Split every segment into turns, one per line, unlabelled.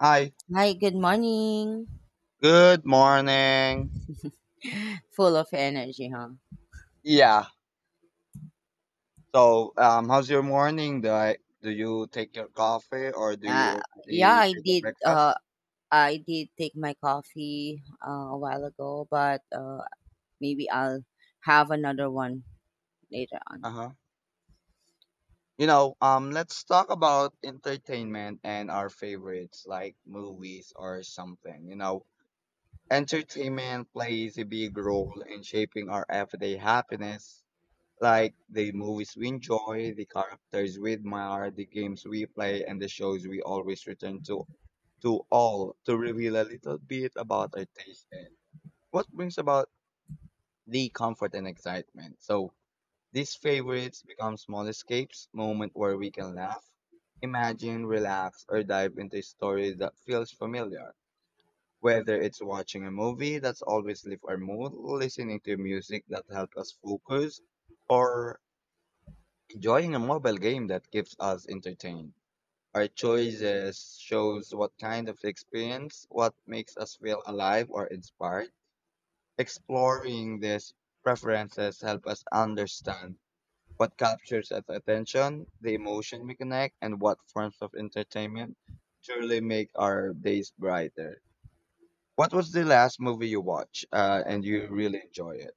Hi,
Hi, good morning.
good morning.
Full of energy, huh?
Yeah. So, how's your morning? Do you take your coffee or do you
Uh, yeah,
already
I
take a
did.
breakfast?
I did take my coffee a while ago, but maybe I'll have another one later on.
Uh-huh. Let's talk about entertainment and our favorites like movies or something. You know, entertainment plays a big role in shaping our everyday happiness. Like the movies we enjoy, the characters we admire, the games we play, and the shows we always return to all to reveal a little bit about our taste and what brings about the comfort and excitement. So these favorites become small escapes, moment where we can laugh, imagine, relax, or dive into a story that feels familiar. Whether it's watching a movie that's always lift our mood, listening to music that helps us focus, or joining a mobile game that keeps us entertained. Our choices shows what kind of experience, what makes us feel alive or inspired. Exploring these preferences help us understand what captures our attention, the emotion we connect, and what forms of entertainment truly make our days brighter. What was the last movie you watched and you really enjoy it?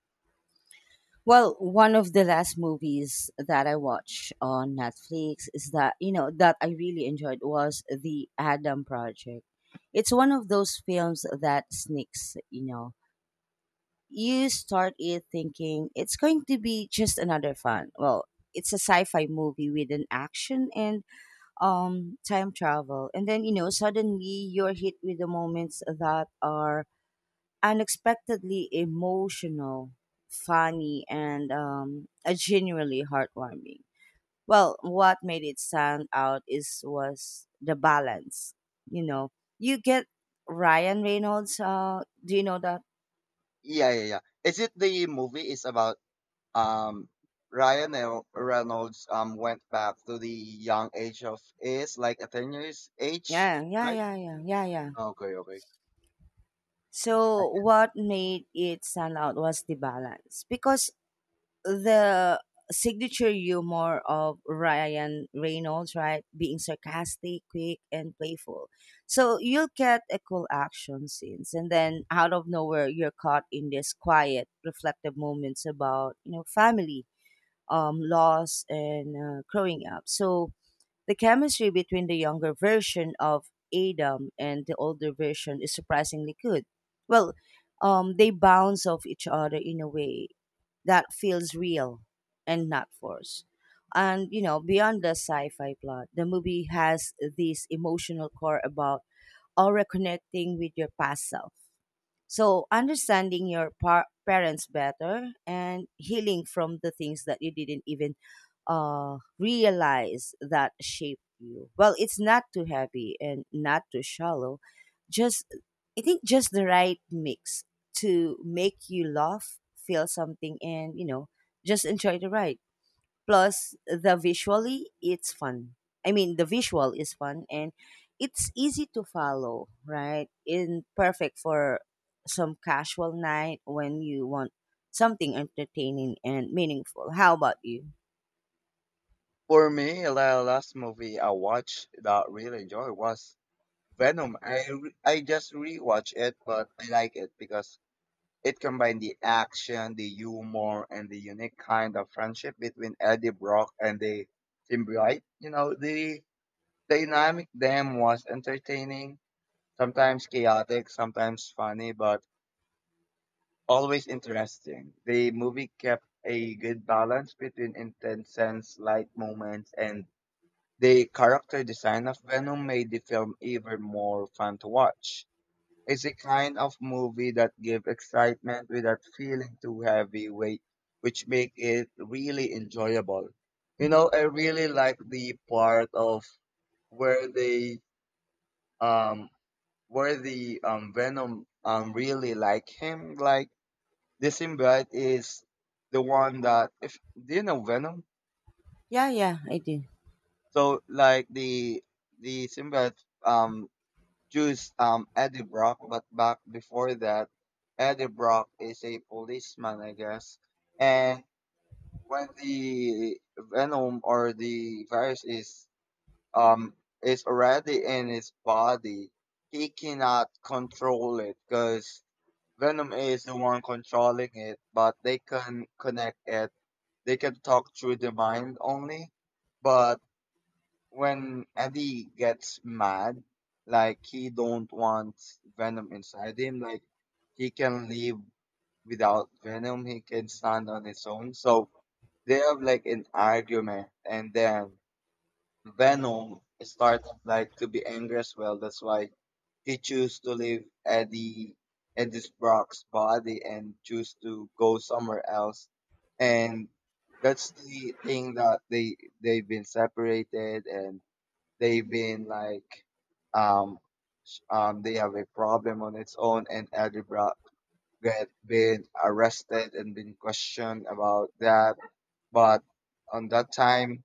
Well, one of the last movies that I watched on Netflix is that that I really enjoyed was the Adam Project. It's one of those films that sneaks, you know, you start it thinking it's going to be just another fun. Well, it's a sci-fi movie with an action and time travel. And then, you know, suddenly you're hit with the moments that are unexpectedly emotional, funny, and genuinely heartwarming. Well, what made it stand out is was the balance. You know, you get Ryan Reynolds. Do you know that?
Yeah, yeah, yeah. Is it the movie is about um Reynolds went back to the young age of is like a 10 years age,
Yeah, yeah,
right?
yeah, yeah, yeah, yeah.
Okay, okay.
So what made it stand out was the balance because the signature humor of Ryan Reynolds, right, being sarcastic, quick, and playful. So you'll get a cool action scenes, and then out of nowhere, you're caught in these quiet, reflective moments about you know family, loss, and growing up. So the chemistry between the younger version of Adam and the older version is surprisingly good. Well, they bounce off each other in a way that feels real and not forced. And you know, beyond the sci-fi plot, the movie has this emotional core about aura connecting with your past self. So, understanding your parents better and healing from the things that you didn't even realize that shaped you. Well, it's not too heavy and not too shallow. Just, I think, just the right mix to make you laugh, feel something, and, you know, just enjoy the ride. Plus, the visually, it's fun. I mean, the visual is fun and it's easy to follow, right? In perfect for some casual night when you want something entertaining and meaningful. How about you?
For me, the last movie I watched that I really enjoyed was Venom. I just rewatched it, but I like it because it combined the action, the humor, and the unique kind of friendship between Eddie Brock and the symbiote. You know, the dynamic them was entertaining. Sometimes chaotic, sometimes funny, but always interesting. The movie kept a good balance between intense and light moments, and the character design of Venom made the film even more fun to watch. It's a kind of movie that gives excitement without feeling too heavy weight, which make it really enjoyable. You know, I really like the part of where um the Venom really like him. Like the symbiote is the one that if do you know Venom?
Yeah, yeah, I do.
So like the symbiote um choose Eddie Brock, but back before that, Eddie Brock is a policeman, I guess. And when the Venom or the virus um is already in his body, he cannot control it because Venom is the one controlling it, but they can connect it. They can talk through the mind only. But when Eddie gets mad, like he don't want Venom inside him, like he can live without Venom. He can stand on his own. So they have like an argument, and then Venom starts like to be angry as well. That's why he chose to leave Eddie's Brock's body and choose to go somewhere else. And that's the thing that they've been separated and they've been like um they have a problem on its own, and Eddie Brock get been arrested and been questioned about that. But on that time,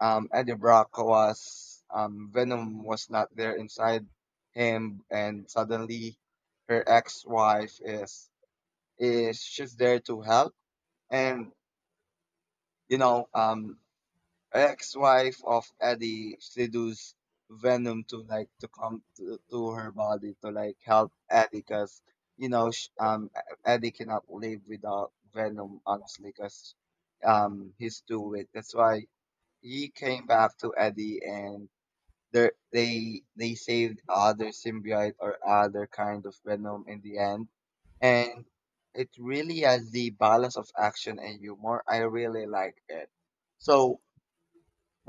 Eddie Brock was, Venom was not there inside him, and suddenly her ex-wife is she's there to help, and you know, ex-wife of Eddie seduces Venom to like to come to her body to like help Eddie because Eddie cannot live without Venom honestly because he's too weak. That's why he came back to Eddie, and they saved other symbiote or other kind of venom in the end, and it really has the balance of action and humor. I really like it. So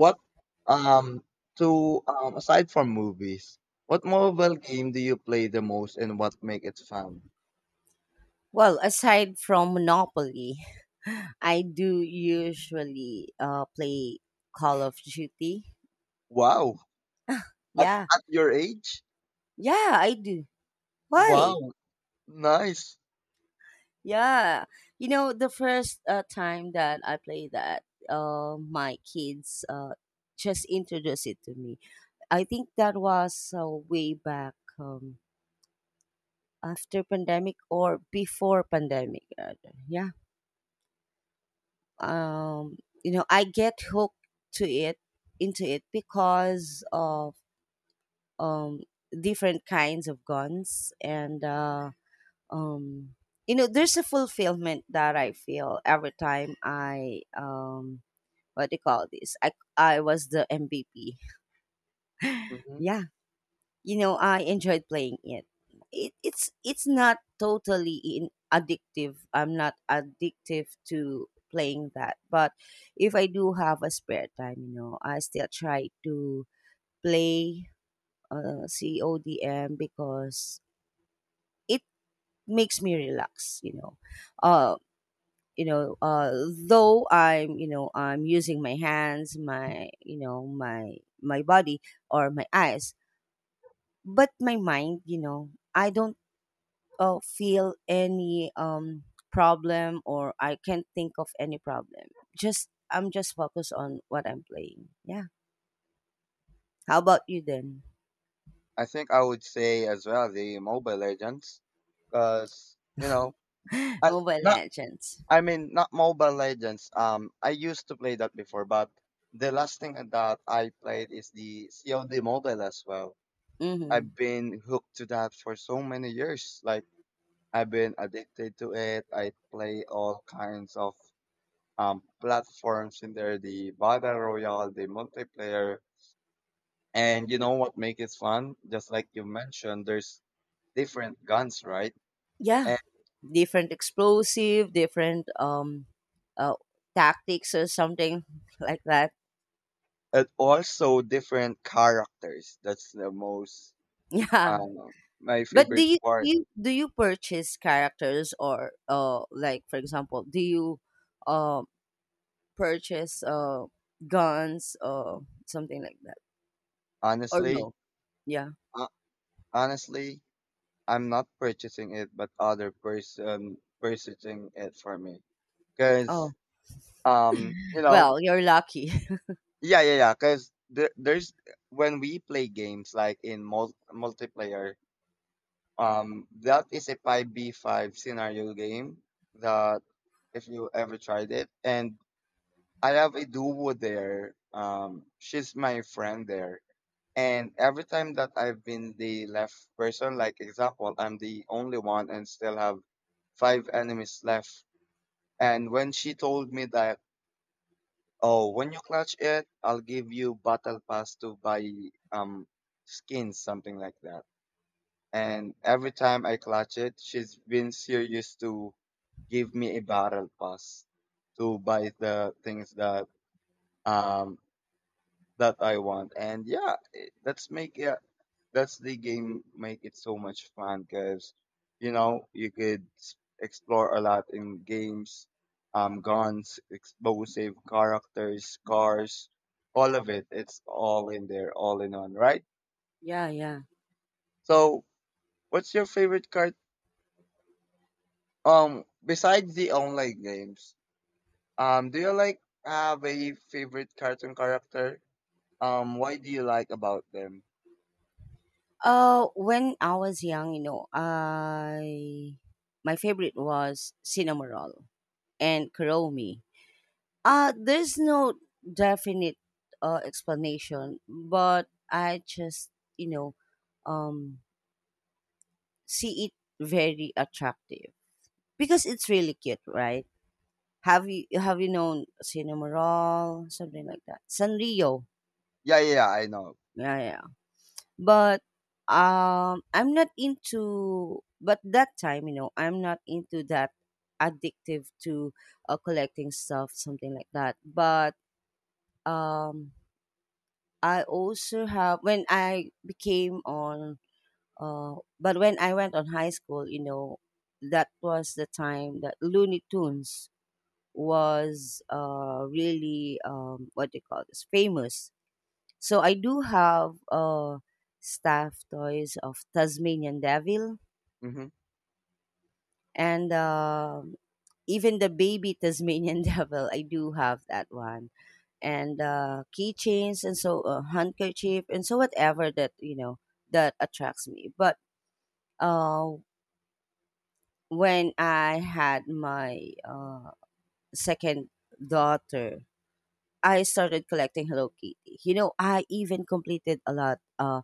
what um to aside from movies, what mobile game do you play the most and what make it fun?
Well, aside from Monopoly, I do usually play Call of Duty.
Wow, at
Yeah,
at your age?
yeah, I do. Why?
Wow, nice.
Yeah, you know the first time that I played that, my kids just introduced it to me. I think that was way back after pandemic or before pandemic. Rather. Yeah, um, you know I get hooked to it into it because of um, different kinds of guns and um, you know there's a fulfillment that I feel every time I what do you call this? I was the MVP.
Hmm.
Yeah, you know I enjoyed playing it. It's not totally in addictive. I'm not addictive to playing that, but if I do have a spare time, you know, I still try to play CODM because it makes me relax. You know, uh, you know uh though I'm you know I'm using my hands my you know my my body or my eyes but my mind you know I don't feel any problem or I can't think of any problem just I'm just focused on what I'm playing. Yeah, how about you then?
I think I would say as well the Mobile Legends, because you know I,
Mobile
not
legends.
I mean, not Mobile Legends. I used to play that before, but the last thing that I played is the COD Mobile as well.
Mm-hmm.
I've been hooked to that for so many years. Like I've been addicted to it. I play all kinds of platforms in there, the battle royale, the multiplayer, and you know what makes it fun? Just like you mentioned, there's different guns, right?
Yeah,
And
different explosive different uh, tactics or something like that.
and also different characters. That's the most.
Yeah.
Um, my
But
favorite part,
do you purchase characters or like for example, do you uh, purchase guns or something like that? Or
honestly,
no? Yeah.
uh, honestly, I'm not purchasing it, but other person purchasing it for me. Cause,
Oh.
you know,
Well, you're lucky.
yeah, yeah, yeah. Cause there's when we play games like in multiplayer, that is a five v five scenario game that if you ever tried it, and I have a duo there. She's my friend there. And every time that I've been the left person, like example, I'm the only one and still have five enemies left. And when she told me that, oh, when you clutch it, I'll give you battle pass to buy um skins, something like that. And every time I clutch it, she's been serious to give me a battle pass to buy the things that um that I want. And yeah, that's make it. That's the game make it so much fun because you know you could explore a lot in games, guns, explosive, characters, cars, all of it, it's all in there, all in one, right?
Yeah, yeah.
So what's your favorite card, besides the online games, do you like have a favorite cartoon character, why do you like about them?
When I was young, you know, I my favorite was Cinnamoroll and Karomi. There's no definite explanation, but I just you know, um, see it very attractive because it's really cute, right? Have you known Cinnamoroll, something like that? Sanrio,
Yeah, yeah, yeah, I know.
yeah, yeah. But I'm not into. But that time, you know, I'm not into that addictive to collecting stuff, something like that. But um, I also have when I became on. But when I went on high school, you know, that was the time that Looney Tunes was really what do you call this famous. So I do have staff toys of Tasmanian Devil
Mm-hmm.
and even the baby Tasmanian Devil. I do have that one and keychains and so handkerchief and so whatever that you know that attracts me. But uh, when I had my second daughter I started collecting Hello Kitty. You know, I even completed a lot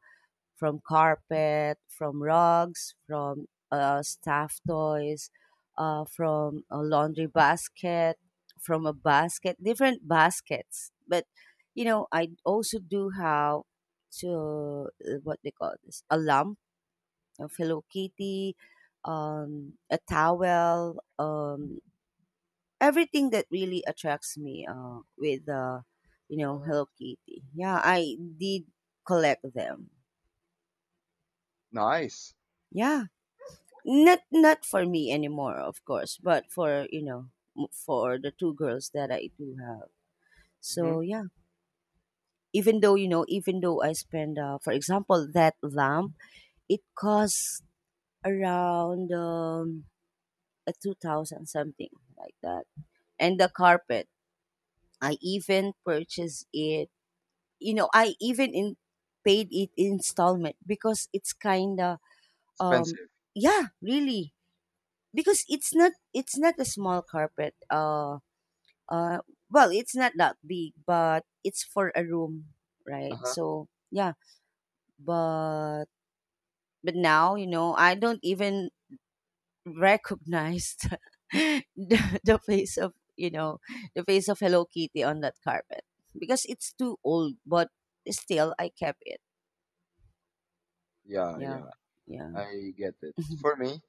from carpet, from rugs, from staff toys, from a laundry basket, from a basket, different baskets. But, you know, I also do have to, what they call this, a lump of Hello Kitty, a towel, everything that really attracts me with you know Hello Kitty. Yeah, I did collect them.
Nice.
Yeah, not for me anymore, of course, but for you know for the two girls that I do have.
Mm-hmm.
So yeah, even though you know, even though I spend, for example, that lamp, it costs around a 2,000 something like that, and the carpet. I even purchased it you know I even in paid it installment because it's kind of um
Expensive.
yeah really because it's not a small carpet uh well it's not that big but it's for a room, right? So yeah. but but now you know I don't even recognize the face of you know the face of Hello Kitty on that carpet because it's too old but still I kept it.
Yeah,
Yeah,
yeah,
yeah.
I get it.
Mhm.
For me,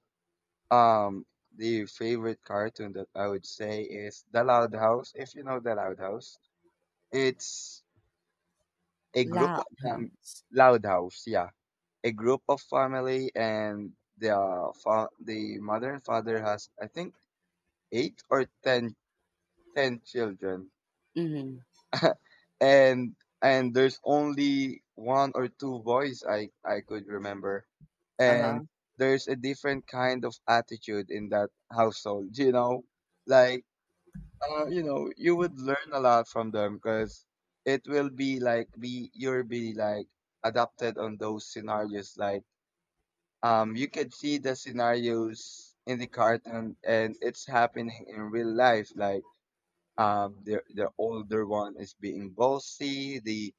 um, the favorite cartoon that I would say is The Loud House, if you know The Loud House. It's a group of
Loud
fam.
house.
Loud House, yeah. A group of family, and the fa the mother and father has I think eight or ten, ten children,
Mm-hmm.
and there's only one or two boys I could remember, and
Uh-huh.
there's a different kind of attitude in that household. You know, like you know, you would learn a lot from them because it will be like be you'll be like adapted on those scenarios. Like you could see the scenarios in the cartoon, and it's happening in real life. Like the older one is being bossy. The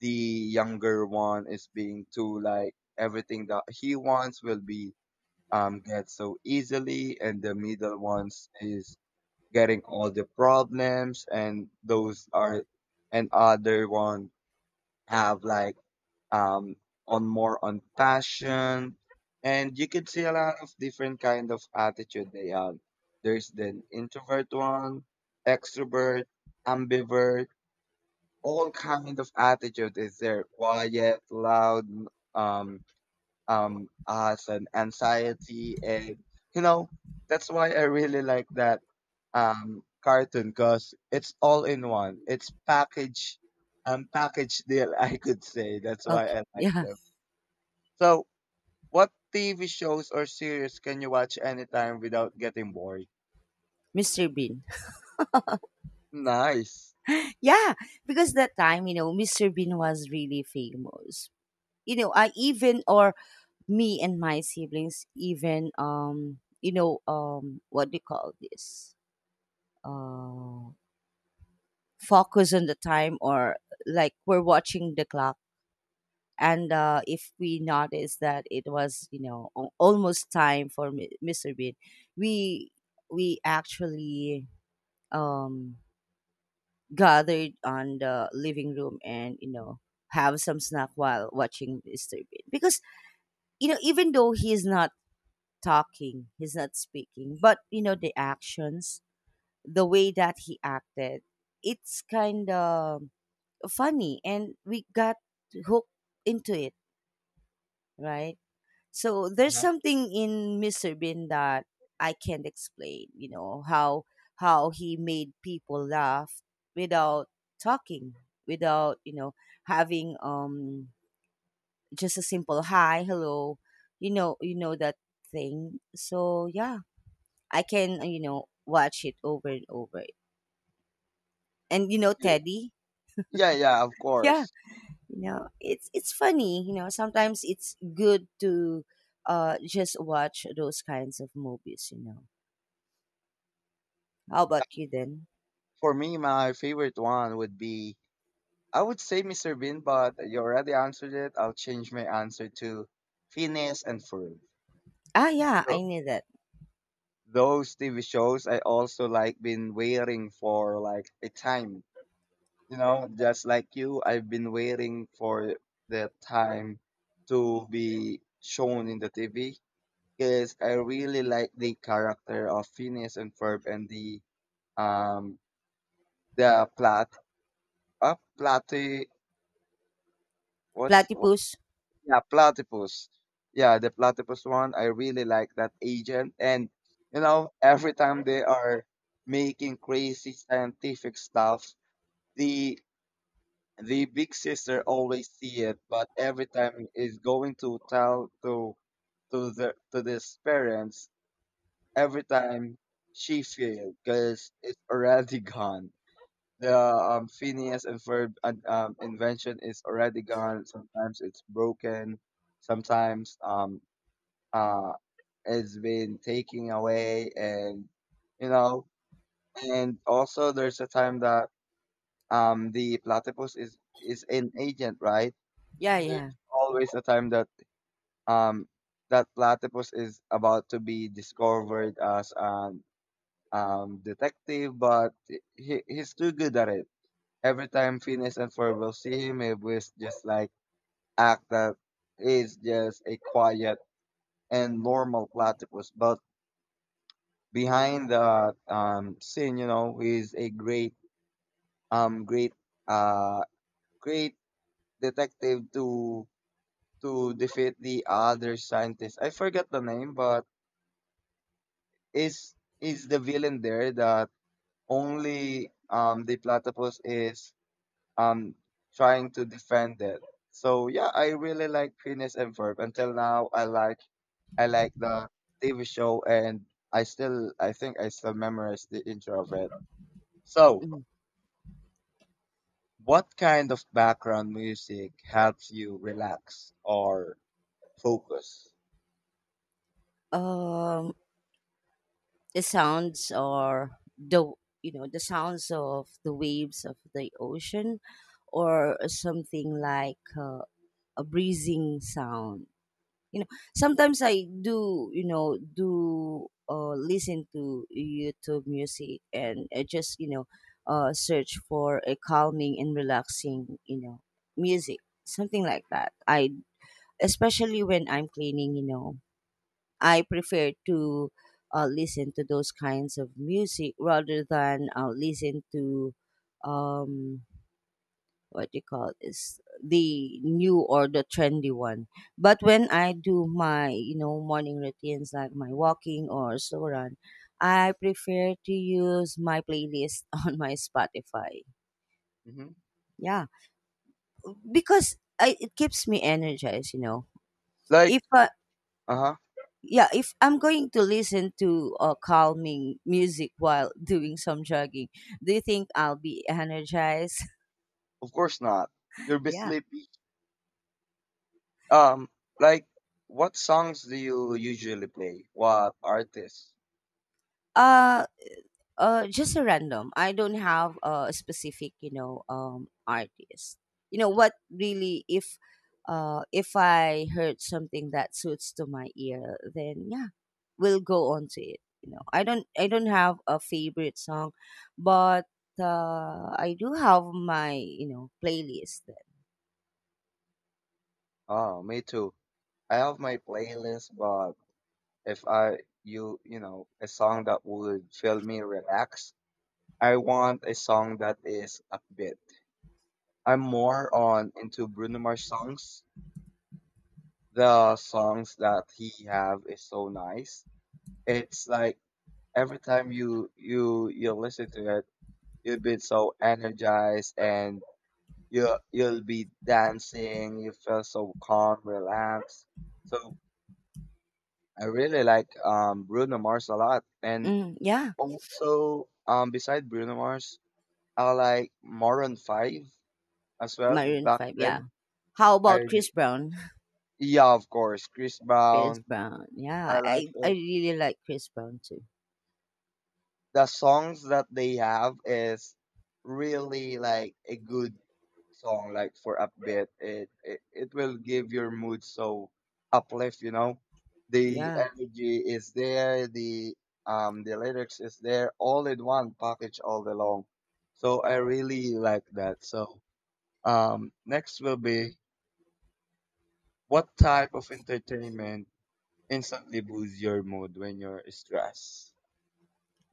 the younger one is being too like everything that he wants will be get so easily, and the middle ones is getting all the problems, and those are and other one have like um, on more on passion, and you could see a lot of different kind of attitude they are. There's the introvert one, extrovert, ambivert, all kind of attitude is there. Quiet, loud, um, as an anxiety, and you know that's why I really like that cartoon because it's all in one. It's package, package deal, I could say. That's why
Okay.
I like
Yeah.
them. So what TV shows or series can you watch anytime without getting bored?
Mr. Bean.
Nice.
Yeah. Because that time, you know, Mr. Bean was really famous. You know, I even or me and my siblings even what do you call this? Uh Focus on the time or like we're watching the clock and if we notice that it was you know almost time for Mr. Bean, we we actually um, gathered on the living room and you know have some snack while watching Mr. Bean because you know even though he's not talking, he's not speaking, but you know the actions, the way that he acted, it's kind of funny, and we got hooked into it, right? So there's
Uh-huh.
something in Mr. Bean that I can't explain, you know, how he made people laugh without talking, without, you know, having just a simple hi, hello, you know that thing. So yeah, I can, you know, watch it over and over. And you know,
Y-
Teddy,
Yeah, yeah, of
yeah,
course.
you know, it's funny, you know, sometimes it's good to just watch those kinds of movies, you know. How about you then?
For me, my favorite one would be I would say Mr. Bean, but you already answered it. I'll change my answer to Phineas and Ferb.
Ah, yeah,
So
I knew that.
those TV shows I also like been waiting for like a time. You know, just like you, I've been waiting for the time to be shown in the TV. Because I really like the character of Phineas and Ferb and um the plat platy what's what?
Platypus.
Yeah, platypus. Yeah, the platypus one, I really like that agent. And you know every time they are making crazy scientific stuff, the the big sister always see it, but every time is going to tell to the to his parents, every time she failed because it's already gone. The Phineas and Ferb invention is already gone. Sometimes it's broken. Sometimes uh it's been taken away, and you know. And also, there's a time that the platypus is an agent, right?
Yeah, yeah.
There's always a time that um that platypus is about to be discovered as an detective, but he's too good at it. Every time Phineas and Ferb will see him, he will just like act that it's just a quiet and normal platypus. But behind the scene, you know, he's um, great, uh, great detective to defeat the other scientist. I forgot the name, but is is the villain there that only the platypus is um trying to defend it. So yeah, I really like Phineas and Ferb. Until now, I like the TV show, and I think I still memorize the intro of it. So,
Mhm.
what kind of background music helps you relax or focus?
Um, the sounds or the you know the sounds of the waves of the ocean, or something like a breezing sound. You know, sometimes I do you know do listen to YouTube music and I just you know search for a calming and relaxing you know music, something like that. I especially when I'm cleaning, you know. I prefer to listen to those kinds of music rather than listen to um what you call this the new or the trendy one. But when I do my you know morning routines like my walking or slow run, I prefer to use my playlist on my Spotify.
Hmm.
Yeah, because I, it keeps me energized. You know,
Like,
if I,
uh huh.
yeah, if I'm going to listen to calming music while doing some jogging, do you think I'll be energized?
Of course not. You'll be
Yeah.
sleepy. Um, like, what songs do you usually play? What artists?
Uh, just a random. I don't have a specific, you know, artist. You know what? Really, if I heard something that suits to my ear, then yeah, we'll go on to it. You know, I don't have a favorite song, but I do have my, you know, playlist.
Oh, me too. I have my playlist, but if I you you know a song that would feel me relax. I want a song that is upbeat. I'm more on into Bruno Mars songs. The songs that he have is so nice. It's like every time you listen to it, you'll be so energized and you'll be dancing. You feel so calm, relaxed. So I really like Bruno Mars a lot, and
Mm, yeah,
also, beside Bruno Mars, I like Maroon Five as well.
Maroon
Back
5, yeah.
then,
How
I
about Chris Brown?
yeah, of course, Chris
Chris
Brown.
Brown.
I
Yeah,
like
I
it.
really like Chris Brown too.
The songs that they have is really like a good song. Like for upbeat, it will give your mood so uplift. You know, the
Yeah.
energy is there. The lyrics is there all in one package all along. So I really like that. So. Next will be what type of entertainment instantly boosts your mood when you're stressed?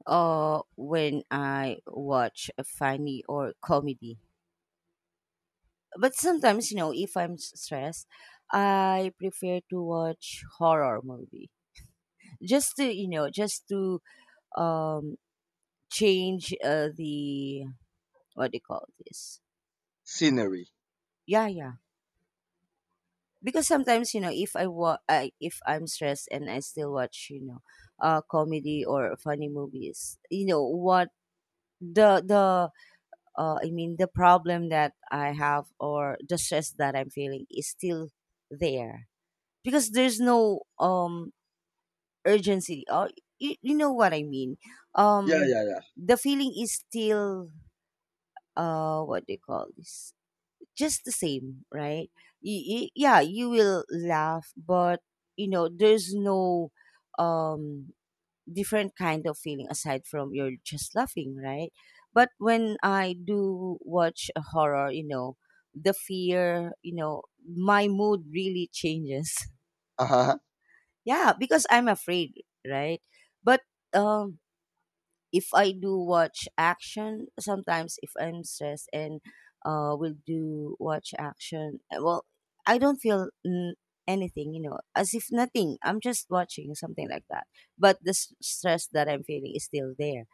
Or when I watch a funny or comedy. But sometimes, you know, if I'm stressed, I prefer to watch horror movie. Just to, you know, just to um change the what do you call this?
Scenery.
Yeah, yeah. Because sometimes you know if I if I'm stressed and I still watch you know comedy or funny movies you know what the I mean the problem that I have or the stress that I'm feeling is still there because there's no urgency or you know what I mean.
Yeah,
um
yeah, yeah.
the feeling is still what do you call this just the same, right? Yeah, you will laugh, but you know, there's no um different kind of feeling aside from you're just laughing, right? But when I do watch a horror, you know, the fear, you know, my mood really changes.
Uh-huh.
Yeah, because I'm afraid, right? But um if I do watch action, sometimes if I'm stressed and will do watch action, well, I don't feel anything, you know, as if nothing. I'm just watching something like that. But the stress that I'm feeling is still there.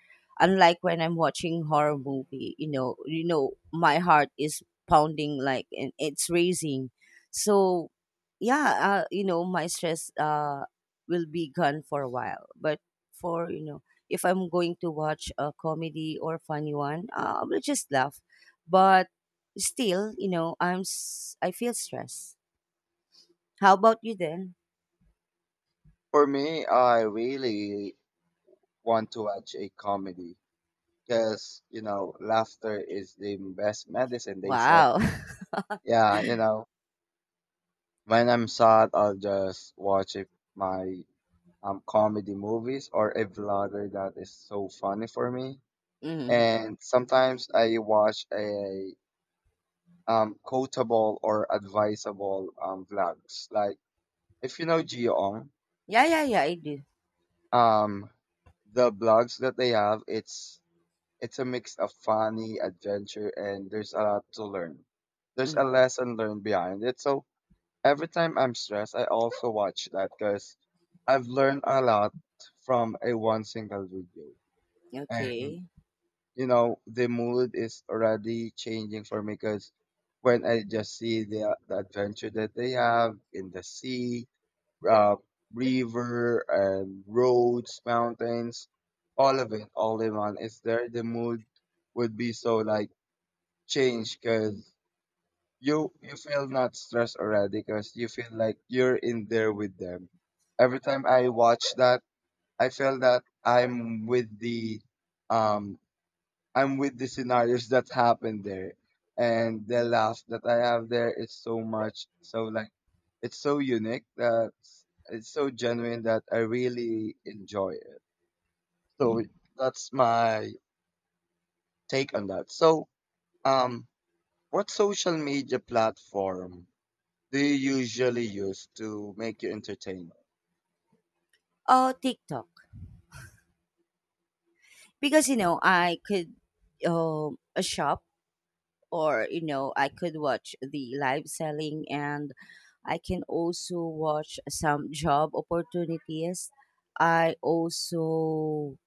Unlike when I'm watching horror movie, you know, my heart is pounding like and it's raising. So, yeah, you know, my stress will be gone for a while, but for you know if I'm going to watch a comedy or funny one, I will just laugh. But still, you know, I feel stressed. How about you then?
For me, I really want to watch a comedy because, laughter is the best medicine, they said.
Wow.
Yeah, you know, when I'm sad, I'll just watch it, my comedy movies or a vlogger that is so funny for me.
Mm.
And sometimes I watch a quotable or advisable vlogs. Like if you know Geong,
Yeah, yeah, yeah, I do.
um, the blogs that they have, it's a mix of funny, adventure, and there's a lot to learn. There's a
Mm.
lesson learned behind it. So every time I'm stressed, I also watch that because I've learned a lot from a one single video. And
Okay.
you know the mood is already changing for me because when I just see the adventure that they have in the sea, uh, river and roads, mountains, all of it, all in one is there. The mood would be so like changed because you feel not stressed already because you feel like you're in there with them. Every time I watch that, I feel that I'm with the um I'm with the scenarios that happened there, and the laugh that I have there is so much. So like, it's so unique that s- it's so genuine that I really enjoy it. So it- that's my take on that. So, um, what social media platform do you usually use to make you entertained?
Oh, TikTok. Because you know, I could a shop or you know, I could watch the live selling and I can also watch some job opportunities. I also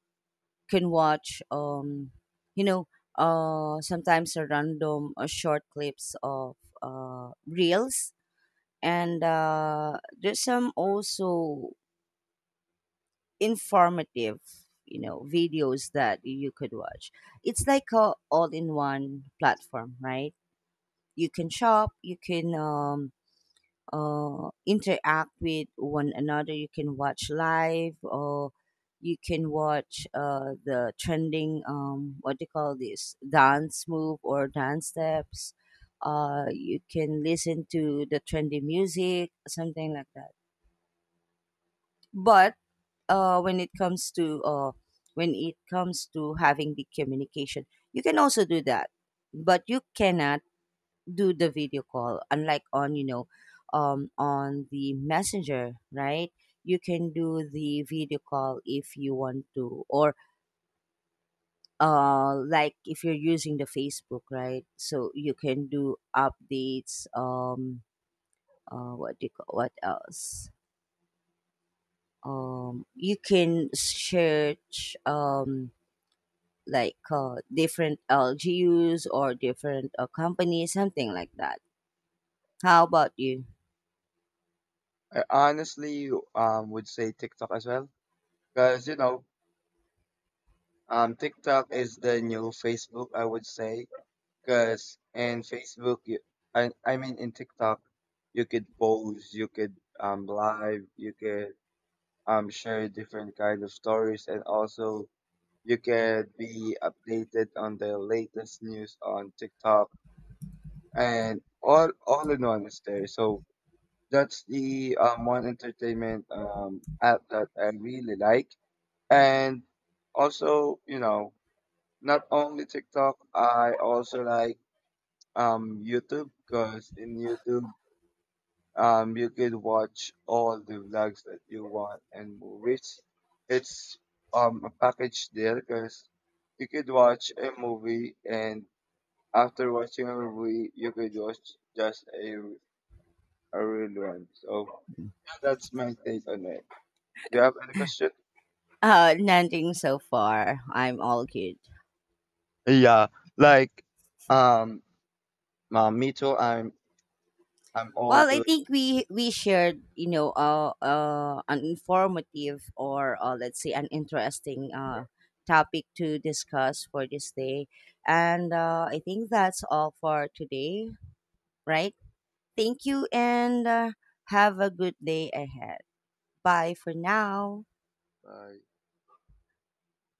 can watch you know sometimes a random short clips of reels and there's some also informative you know videos that you could watch. It's like a all-in-one platform, right? You can shop, you can interact with one another. You can watch live or you can watch the trending, what do you call this, dance move or dance steps. You can listen to the trendy music, something like that. But uh, when it comes to uh, when it comes to having the communication, you can also do that, but you cannot do the video call unlike on you know on the messenger, right? You can do the video call if you want to or like if you're using the Facebook, right? So you can do updates what do you call what else you can search like different LGUs or different companies something like that. How about you?
I honestly would say TikTok as well, because you know TikTok is the new Facebook, I would say. Because in Facebook, you, I mean in TikTok, you could post, you could live, you could share different kind of stories, and also you could be updated on the latest news on TikTok, and all in one is there. So that's the one entertainment app that I really like, and also you know not only TikTok, I also like YouTube because in YouTube you could watch all the vlogs that you want and movies. It's a package deal because you could watch a movie and after watching a movie you could watch just a real one. So that's my take on it. Do you have any question?
Nothing so far. I'm all good.
Yeah, like um, me too. I'm all
Well, I
good.
think we shared, you know, an informative or let's say an interesting topic to discuss for this day, and I think that's all for today, right? Thank you, and have a good day ahead. Bye for now.
Bye.